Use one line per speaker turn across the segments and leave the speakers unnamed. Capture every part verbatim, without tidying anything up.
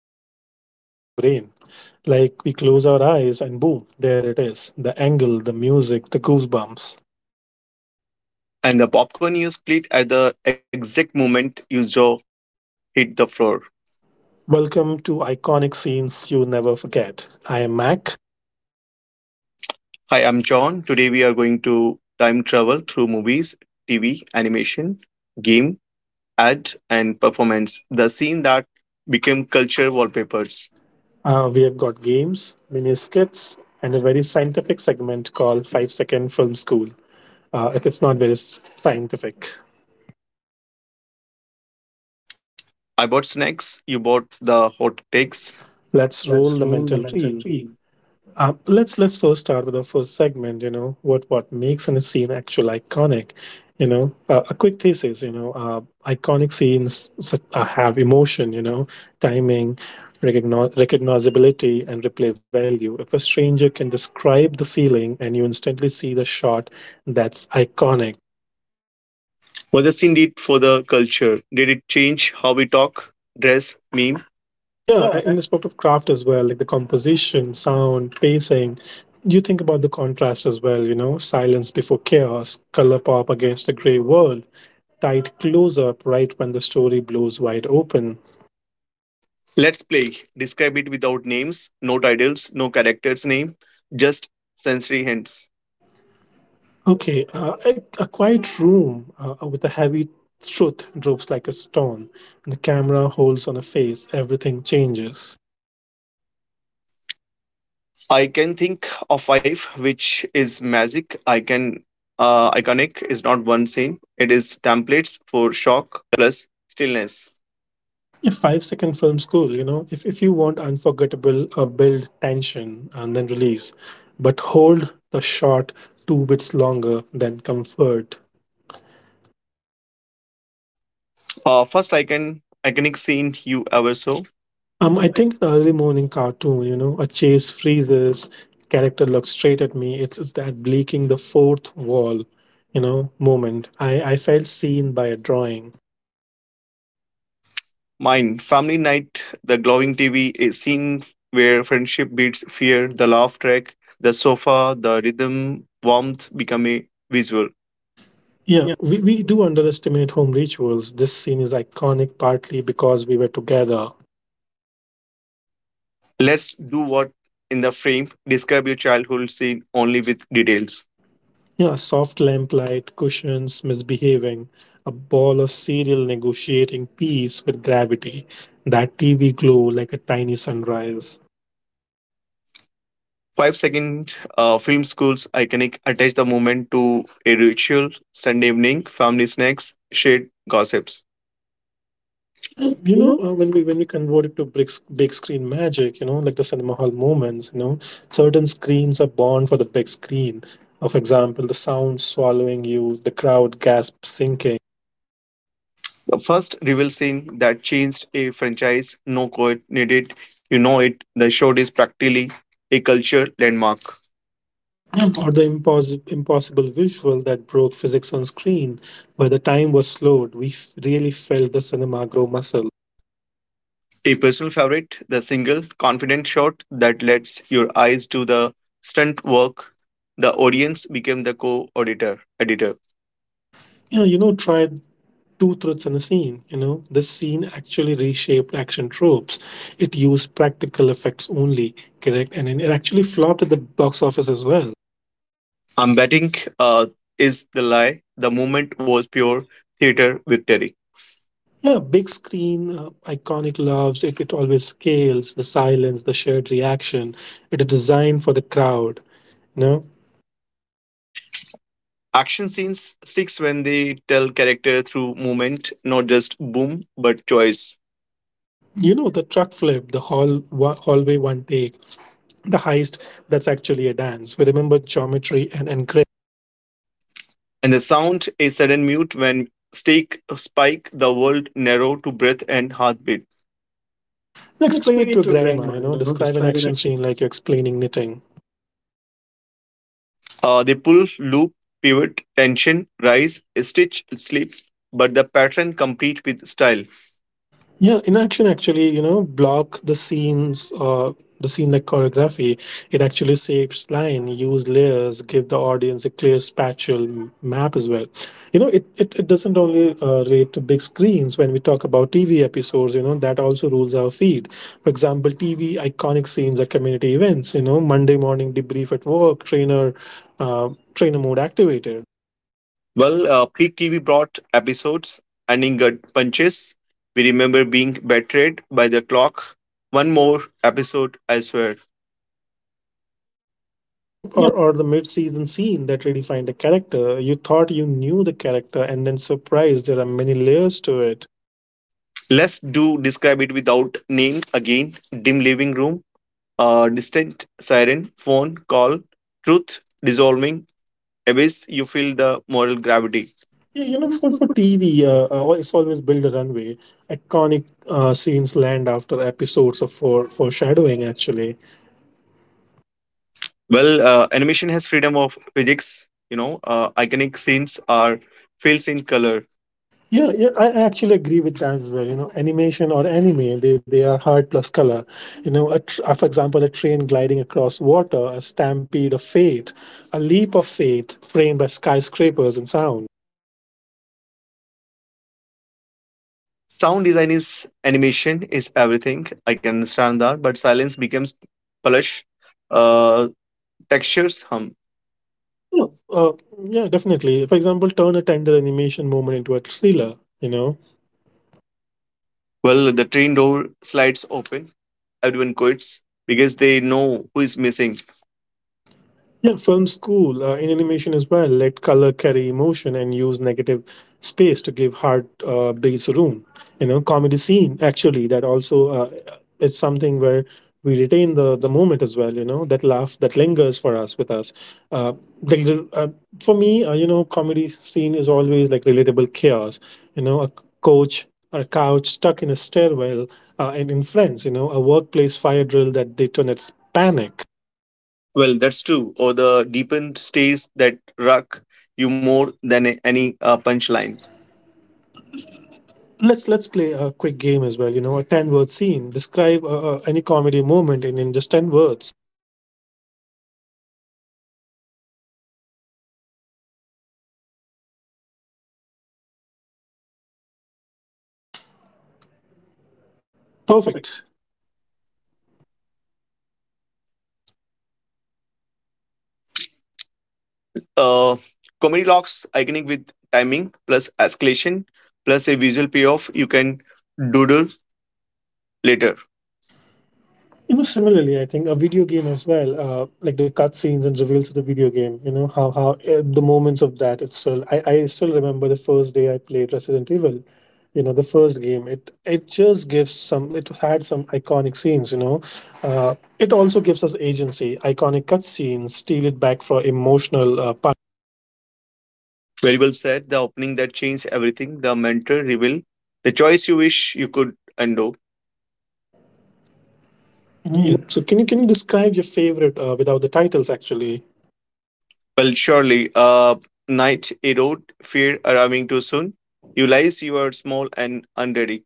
just glue themselves to our brain? Like we close our eyes and boom, there it is the angle, the music, the goosebumps.
And the popcorn you split at the exact moment you jaw hit the floor.
Welcome to Iconic Scenes You Never Forget. I am Mac.
Hi, I'm John. Today we are going to time travel through movies, T V, animation, game, ad, and performance. The scene that became culture wallpapers.
Uh, we have got games, mini skits, and a very scientific segment called five Second Film School. Uh, it is not very s- scientific.
I bought snacks, you bought the hot takes.
Let's roll the mental reel. Uh, let's let's first start with our first segment. You know what what makes a scene actual iconic. You know, uh, a quick thesis. You know, uh, iconic scenes such, uh, have emotion. You know, timing, recogni- recognizability, and replay value. If a stranger can describe the feeling and you instantly see the shot, that's iconic.
What the scene did for the culture? Did it change how we talk, dress, meme?
Yeah, a- in respect of craft as well, like the composition, sound, pacing, you think about the contrast as well. You know, silence before chaos, color pop against a gray world, tight close up right when the story blows wide open.
Let's play. Describe it without names, no titles, no character's name, just sensory hints.
Okay, uh, a, a quiet room uh, uh, with a heavy truth droops like a stone, and the camera holds on a face, everything changes.
I can think of five, which is magic. I can uh, iconic is not one scene. It is templates for shock plus stillness.
Yeah, five second film school, you know. If, if you want unforgettable, uh, build tension and then release, but hold the shot two bits longer than comfort.
Uh, first, I can iconic scene you ever saw.
Um, I think the early morning cartoon, you know, a chase freezes, character looks straight at me. It's, it's that breaking the fourth wall, you know, moment. I, I felt seen by a drawing.
Mine family night, the glowing T V, a scene where friendship beats fear, the laugh track, the sofa, the rhythm, warmth become a visual.
Yeah, we, we do underestimate home rituals. This scene is iconic partly because we were together.
Let's do what in the frame. Describe your childhood scene only with details.
Yeah, soft lamplight, cushions, misbehaving, a ball of cereal negotiating peace with gravity, that T V glow like a tiny sunrise.
Five second uh, film school's iconic attach the moment to a ritual, Sunday evening, family snacks, shared gossips.
You
You
know,
know,
uh, when we when we convert it to big, s- big screen magic, you know, like the cinema hall moments, you know, certain screens are born for the big screen. Of example, the sound swallowing you, the crowd gasp sinking,
the first reveal scene that changed a franchise, no coordinated, you know it. The show is practically a culture landmark.
or the impos- impossible visual that broke physics on screen. By the time was slowed, we f- really felt the cinema grow muscle.
A personal favorite, the single confident shot that lets your eyes do the stunt work. The audience became the co-auditor editor.
Yeah, you know, try two truths in the scene. You know, this scene actually reshaped action tropes. It used practical effects only, correct, and then it actually flopped at the box office as well.
I'm betting uh, is the lie. The moment was pure theater victory.
Yeah, big screen, uh, iconic loves. It, it always scales the silence, the shared reaction. It is designed for the crowd. You know,
Action scenes sticks when they tell character through movement, not just boom, but choice.
you know the truck flip, the hall wa- hallway one take, the heist. That's actually a dance. We remember geometry and and. gra-
And the sound, a sudden mute when stake spike the world narrow to breath and heartbeat.
Explain
Explain
it to
it
a
to a
grandma, you
grandma, you
know,
know,
describe
describe
an
an
action
action.
scene like you're explaining knitting.
Uh, they pull, loop, pivot, tension, rise, stitch, slip, but the pattern complete with style.
Yeah, inaction actually, you know, block the scenes, uh, the scene like choreography. It actually shapes line, use layers, give the audience a clear spatial m- map as well. You know, it, it, it doesn't only uh, relate to big screens. When we talk about T V episodes, you know, that also rules our feed. For example, T V iconic scenes are community events, you know, Monday morning debrief at work, trainer, uh, trainer mode activated.
Well, uh, peak T V brought episodes ending gut punches. We remember being betrayed by the clock. One more episode, I swear. Yeah.
Yep, or, or the mid-season scene that redefined the character. You thought you knew the character, and then surprise, there are many layers to it.
Let's do describe it without name again. Dim living room, uh, distant siren, phone call, truth dissolving, abyss. You feel the moral gravity.
Yeah, you know, for for T V, uh, uh, it's always build a runway. Iconic uh, scenes land after episodes of for foreshadowing. Actually,
Well, uh, animation has freedom of physics. You know, uh, iconic scenes are filled in color.
yeah, yeah, I I actually agree with that as well. You know, animation or anime, they, they are heart plus color. You know, a tr- uh, for example, a train gliding across water, a stampede of fate, a leap of faith framed by skyscrapers and sound.
Sound design is animation is everything. I can understand that, but silence becomes plush. Uh, Textures hum.
Uh, yeah, definitely. For example, turn a tender animation moment into a thriller. You know,
Well, the train door slides open. Everyone quits because they know who is missing.
yeah, film school uh, in animation as well. Let color carry emotion and use negative space to give hard uh, beats room. You know, comedy scene actually that also uh, it's something where we retain the the moment as well. You know, that laugh that lingers for us with us. Uh, the, little- uh, for me, uh, you know, comedy scene is always like relatable chaos. You know, a coach. Or a couch stuck in a stairwell, uh, and in Friends, you know, a workplaess fire drill that detonates panic.
Well, that's true. Or the deepened stays that rock you more than a- any uh, punchline.
Let's let's play a quick game as well. You know, a ten word scene. Describe uh, uh, any comedy moment in in just ten words. Perfect.
Perfect. uh, Comedy locks iconic with timing plus escalation plus a visual payoff you can doodle later.
You know, similarly, I think a video game as well, uh, like the cutscenes and reveals of the video game. You know how how uh, the moments of that. It's still I, I still remember the first day I played Resident Evil. You know, the first game. It it just gives some. It had some iconic scenes. You know, uh, it also gives us agency. Iconic cutscenes steal it back for emotional uh,
Very well said. The opening that changed everything. The mentor reveal. The choice you wish you could undo.
Yeah. So can you can you describe your favorite uh, without the titles actually?
Well, surely, uh, Night erode fear arriving too soon. You lies you are small and unready.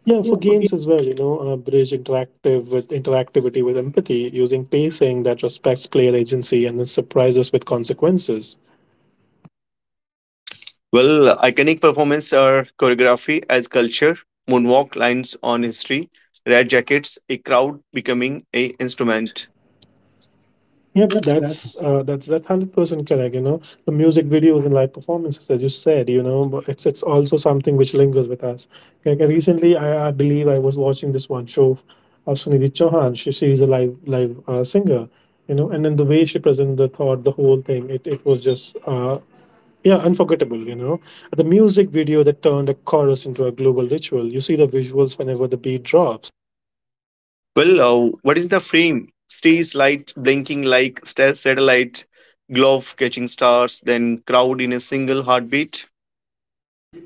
Yeah, for games as well. You know, uh, bridge interactive with interactivity with empathy using pacing that respects player agency and then surprises with consequences.
Well, iconic performance are choreography as culture, moonwalk lines on history, red jackets, a crowd becoming a
Instrument.
instrument.
Yep,
Yep,
that's
that's
uh, that's that's hundred percent correct. You know, the music videos and live performances, as you said, you know, but it's it's also something which lingers with us. Like uh, recently, I, I believe I was watching this one show of Sunidhi Chauhan. She she is a live live uh, singer, you know, and then the way she presented the thought, the whole thing, it it was just uh, yeah, unforgettable. You know, the music video that turned a chorus into a global ritual. You see the visuals whenever the beat drops.
Well, uh, what is the frame? Stage light blinking like sta- satellite, glove catching stars, then crowd in a single heartbeat,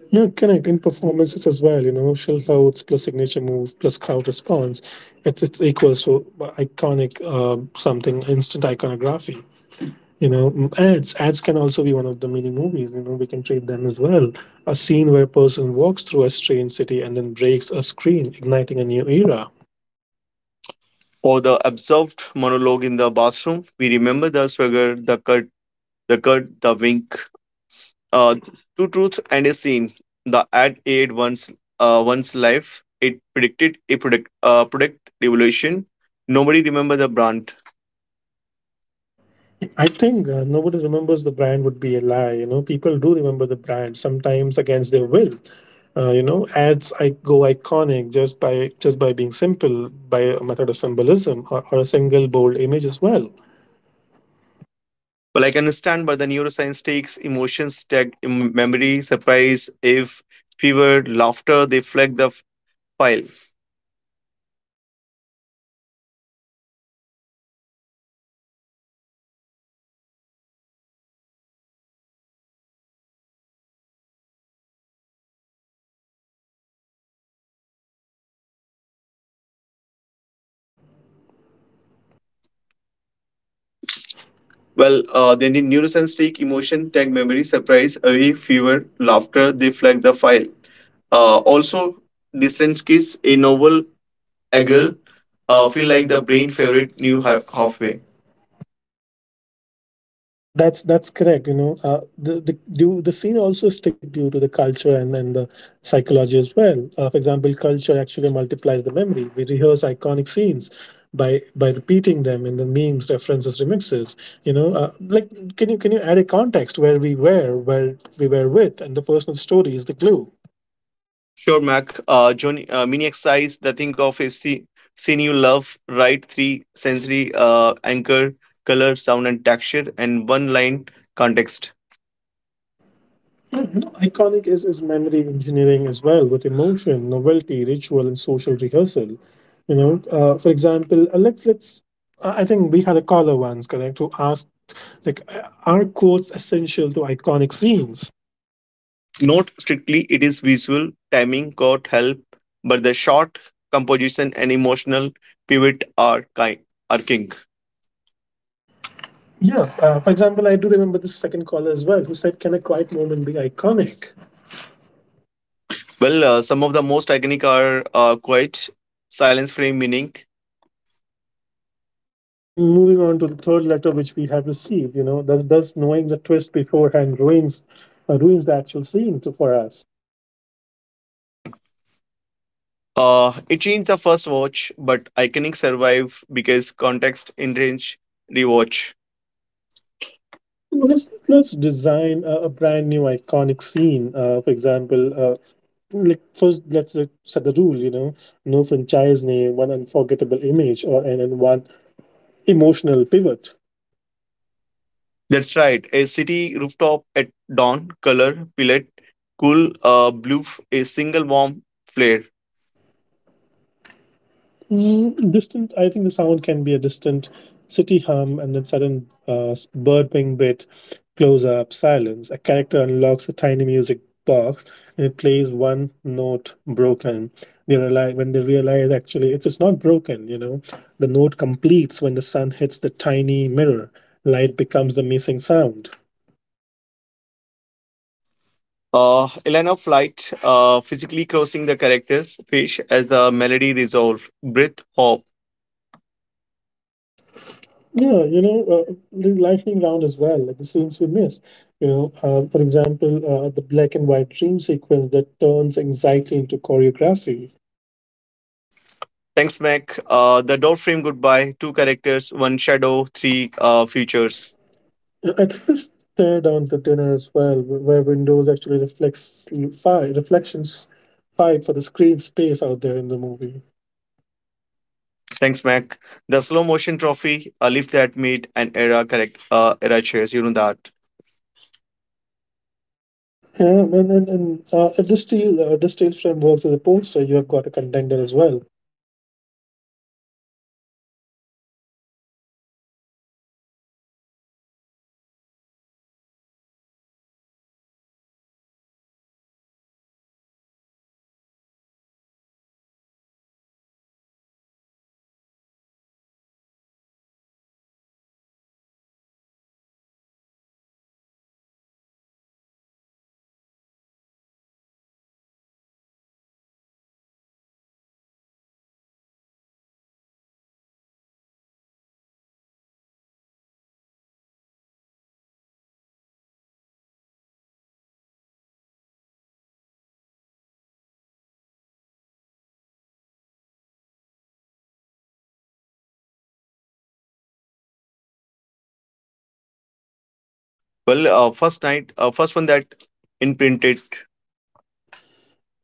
Yeah, connect in performances as well, you know, shell Schulhouse plus signature move plus crowd response, it's it's equals to iconic uh, something instant iconography. You know, M- ads ads can also be one of the mini movies. You know, we can treat them as well. A scene where a person walks through a strange city and then breaks a screen, igniting a new era.
or the absorbed monologue in the bathroom. We remember the swagger, the cut, the cut, the wink. Uh, Two truths and a scene. The ad aid once uh, one's life. It predicted a product uh, product revolution. Nobody remember the brand.
I think uh, nobody remembers the brand would be a lie. You know, people do remember the brand sometimes against their will. Uh, you know, ads I go iconic just by just by being simple by a method of symbolism, or, or a single bold image as well.
Well, I can understand, but the neuroscience takes emotions, tag em- memory, surprise, if fever, laughter. They flag the f- file. Well,
Well,
uh,
uh, they
then
need
in
neuroscience
neuroscience
take
take
emotion,
emotion, tag
tag memory,
memory,
surprise,
surprise,
away,
away,
fever,
fever,
laughter.
laughter.
They
They
flag
flag
the
the
file.
file.
Uh,
Uh, also,
also, Distance
Distance
Kiss,
Kiss,
a
a novel
novel angle,
Agile
uh,
uh,
feel
feel
like
like
the
the brain
brain
favorite
favorite new
new
hi-
ha-
halfway.
halfway.
That's that's correct. You know, uh, the the due, the scene also is stick due to the culture and and the psychology as well. Uh, for example, culture actually multiplies the memory. We rehearse iconic scenes by by repeating them in the memes, references, remixes. You know, uh, like can you can you add a context where we were, where we were with, and the personal story is the glue.
Sure, Mac. Uh, Johnny, uh, mini exercise. The think of a sce- scene you love. Write three sensory uh, anchor, color, sound, and texture, and one line context.
Mhm. Iconic is, is memory engineering as well, with emotion, novelty, ritual, and social rehearsal. You know, uh, for example, uh, let's let's. I I think we had a caller once, correct, who asked, like, uh, are quotes essential to iconic scenes?
Note strictly it is visual timing got help, but the shot composition and emotional pivot are kind are king.
Yeah. Uh, for example, I do remember the second caller as well, who said, "Can a quiet moment be iconic?"
Well, uh, some of the most iconic are uh, quite silence frame meaning
Yeah. And moving on to the third letter, which we have received, you know, does does knowing the twist beforehand ruins uh, ruins the actual scene to, for us?
Uh, it changed the first watch, but Iconic survive because context in range rewatch.
You know, let's let's design a, a brand new iconic scene. Uh, for example, uh, like first, let's uh, set the rule. You know, no franchise name, one unforgettable image, or and, and one emotional pivot.
That's right. A city rooftop at dawn, color, pillet, cool, uh, blue, f- a single warm flare.
Mm, distant, I think the sound can be a distant city hum and then sudden uh, s- bird wing bit, close up, silence. A character unlocks a tiny music box and it plays one note broken. They realize when they realize actually it's, it's not broken, you know. The note completes when the sun hits the tiny mirror. Light becomes the missing sound.
Uh, Elena Flight, uh, physically crossing the characters, fish as the melody resolved. Breath, hop.
Yeah, you know, uh, the lightning round as well, like the scenes we miss. You know, uh, for example, uh, the black and white dream sequence that turns anxiety into choreography.
Thanks, Mac. Uh, the door frame goodbye, two characters, one shadow, three uh,
Yes.
features.
Uh, I think this tear down the dinner as well, wh- where windows actually reflects fight, reflections fight for the screen space out there in the movie.
Thanks, Mac. The slow motion trophy, a lift that made an era correct uh, era chairs. You know that.
Yeah, and and, and uh, if the steel uh, the steel frame works as a poster, you have got a contender as well.
Well, uh, first night, uh, first one that imprinted.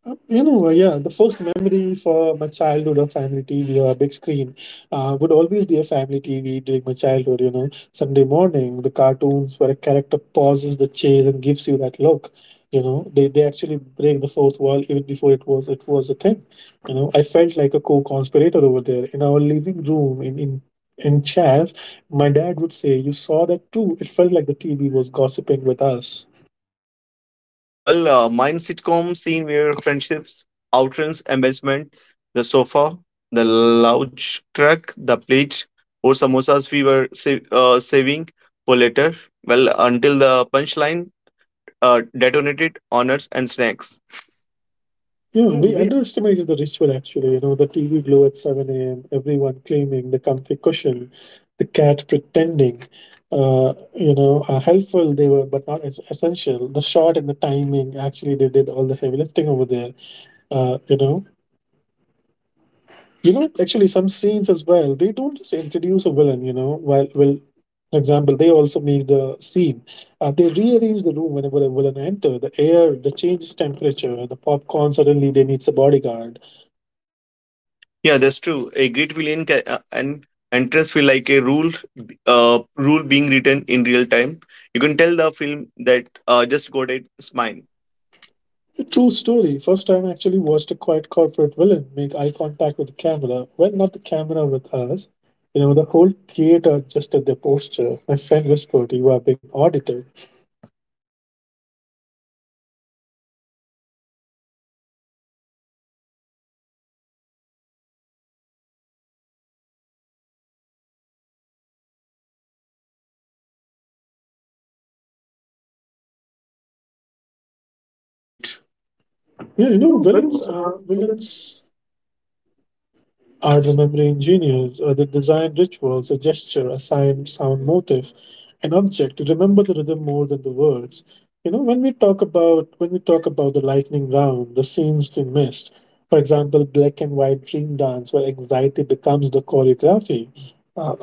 Uh, You know, uh, yeah, the first memory for my childhood of family T V or a big screen uh, would always be a family T V during my childhood. You know, Sunday morning, the cartoons where a character pauses the chase and gives you that look. You know, they, they actually break the fourth wall even before it was it was a thing. You know, I felt like a co-conspirator over there in our living room in in in chairs. My dad would say, "You saw that too." It felt like the T V was gossiping with us.
Well, uh, mine sitcom scene where friendships, outrance, embarrassment, the sofa, the lounge truck, the plate, or samosas we were sa- uh, saving for later. Well, until the punchline uh, detonated, honors and snacks.
Yeah, we underestimated the ritual actually. You know, the T V glow at seven a m, everyone claiming the comfy cushion, the cat pretending, uh, you know, uh, helpful they were, but not es- essential. The shot and the timing actually, they did all the heavy lifting over there. Uh, you know, you know, Actually, some scenes as well, they don't just introduce a villain, you know, while, well, for example, they also make the scene. Uh, they rearrange the room whenever a villain enter. The air, the changes temperature, the popcorn. Suddenly, they needs a bodyguard.
Yeah, that's true. A great villain can, uh, and entrance feel like a rule, uh, rule being written in real time. You can tell the film that uh, just got it.
It's mine.
Mine.
True story. First time I actually watched a quiet corporate villain make eye contact with the camera. Well, not the camera with us. You know, the whole theater adjusted their posture. My friend whispered, "You are being audited." Wait. Yeah, you
Yeah, you
know,
know,
villains
villains
are
are
villains.
villains.
Our memory engineers or they design rituals, a gesture, a sign, sound motif, an object to remember the rhythm more than the words. You know, when we talk about when we talk about the lightning round, the scenes we missed, for example, black and white dream dance, where anxiety becomes the choreography. Uh,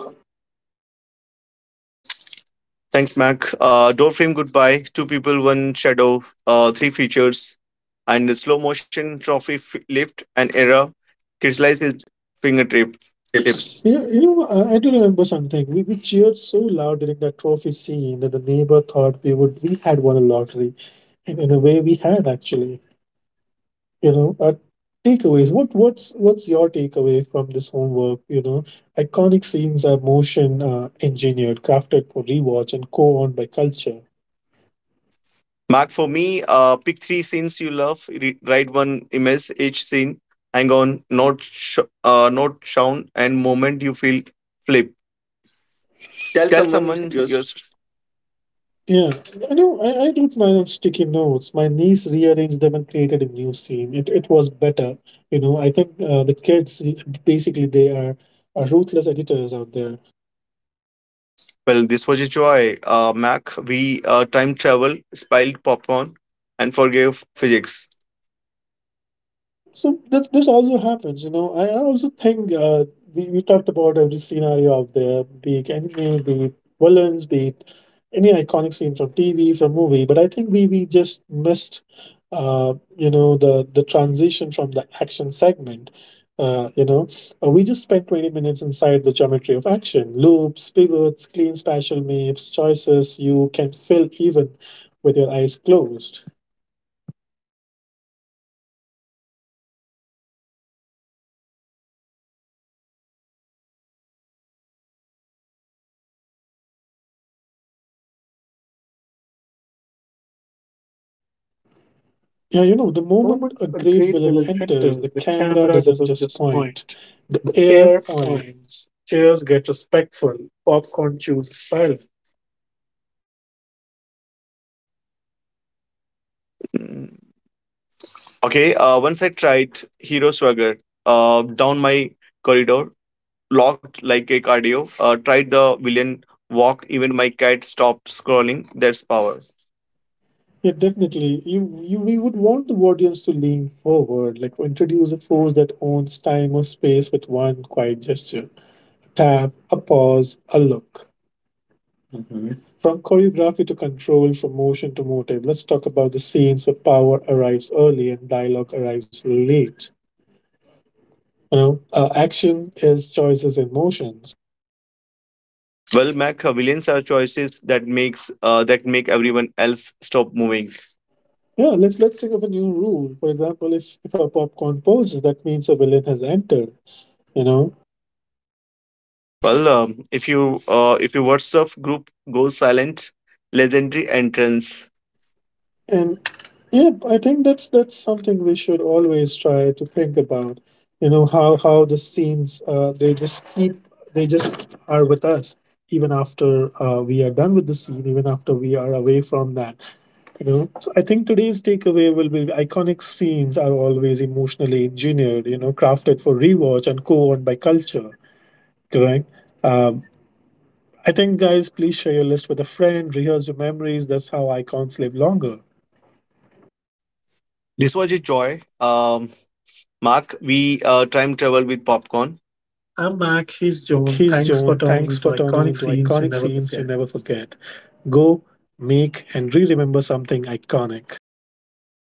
Thanks, Mac. Uh, door frame goodbye. Two people, one shadow. Uh, three features, and the slow motion trophy f- lift and error. Crystallize his fingertip
Tips.
tips.
Yeah, you know, I I do remember something. We, we cheered so loud during that trophy scene that the neighbor thought we would we had won a lottery, and in a way, we had actually. You know uh, takeaways. What what's what's your takeaway from this homework? You know iconic scenes are motion uh, engineered, crafted for rewatch and co-owned by culture.
Mark, for me, uh, pick three scenes you love, re- write one image each scene, hang on, note, sh- uh, note sound, and moment you feel flip.
Tell
Tell
someone
someone
your
your
st-
st-
Yeah, I know, i, I wrote my own sticky notes. My niece rearranged them and created a new scene. It, it was better. You know i think uh, the kids basically they are, are ruthless editors out there.
well, this was a joy, uh, Mac. We uh, time travel, spilled popcorn, and forgave physics.
Yep, so this this also happens, you know. I I also think uh, we we talked about every scenario out there, be it anime, be it villains, be it any iconic scene from T V, from movie. But I think we we just missed uh, you know, the the transition from the action segment. Uh, you know, Uh, we just spent twenty minutes inside the geometry of action, loops, pivots, clean spatial maps, choices you can fill even with your eyes closed. Yeah,
Time
you know, the moment a great villain enters, the camera doesn't just
Point.
point, the air
Air
points.
points. Chairs get respectful. Popcorn chooses silence. Mm. Okay, uh, once I tried Hero Swagger uh, down my corridor, locked like a cardio. Uh, tried the villain walk, even my cat stopped scrolling. That's power.
Yeah, definitely. You, you, we would want the audience to lean forward, like introduce a force that owns time or space with one quiet gesture. Tap, a pause, a look. From choreography to control, from motion to motive, let's talk about the scenes where power arrives early and dialogue arrives late. You know, uh, action is choices in motion.
Well, Mac, uh, villains are choices that makes uh, that make everyone else stop moving.
Yeah, let's let's think of a new rule. For example, if if a popcorn pulls, that means a villain has entered. You know,
Well, um, if you uh, if your WhatsApp group goes silent, legendary entrance.
and yeah, I think that's that's something we should always try to think about. You know how how the scenes uh, they just keep they just are with us even after uh, we are done with the scene, even after we are away from that. You know, so I think today's takeaway will be iconic scenes are always emotionally engineered. You know, crafted for rewatch and co-owned by culture. Correct. Uh, I think, guys, please share your list with a friend, rehearse your memories. That's how icons live longer.
This was a joy. Um, Mark, we uh, time travel with popcorn.
I'm
I'm
Mac,
Mac,
he's
he's
Joan.
Joan.
Thanks
Thanks
for
for
turning
turning
into
into
iconic
iconic
scenes you
scenes you
never
never forget.
forget. Go, make, and re remember something iconic.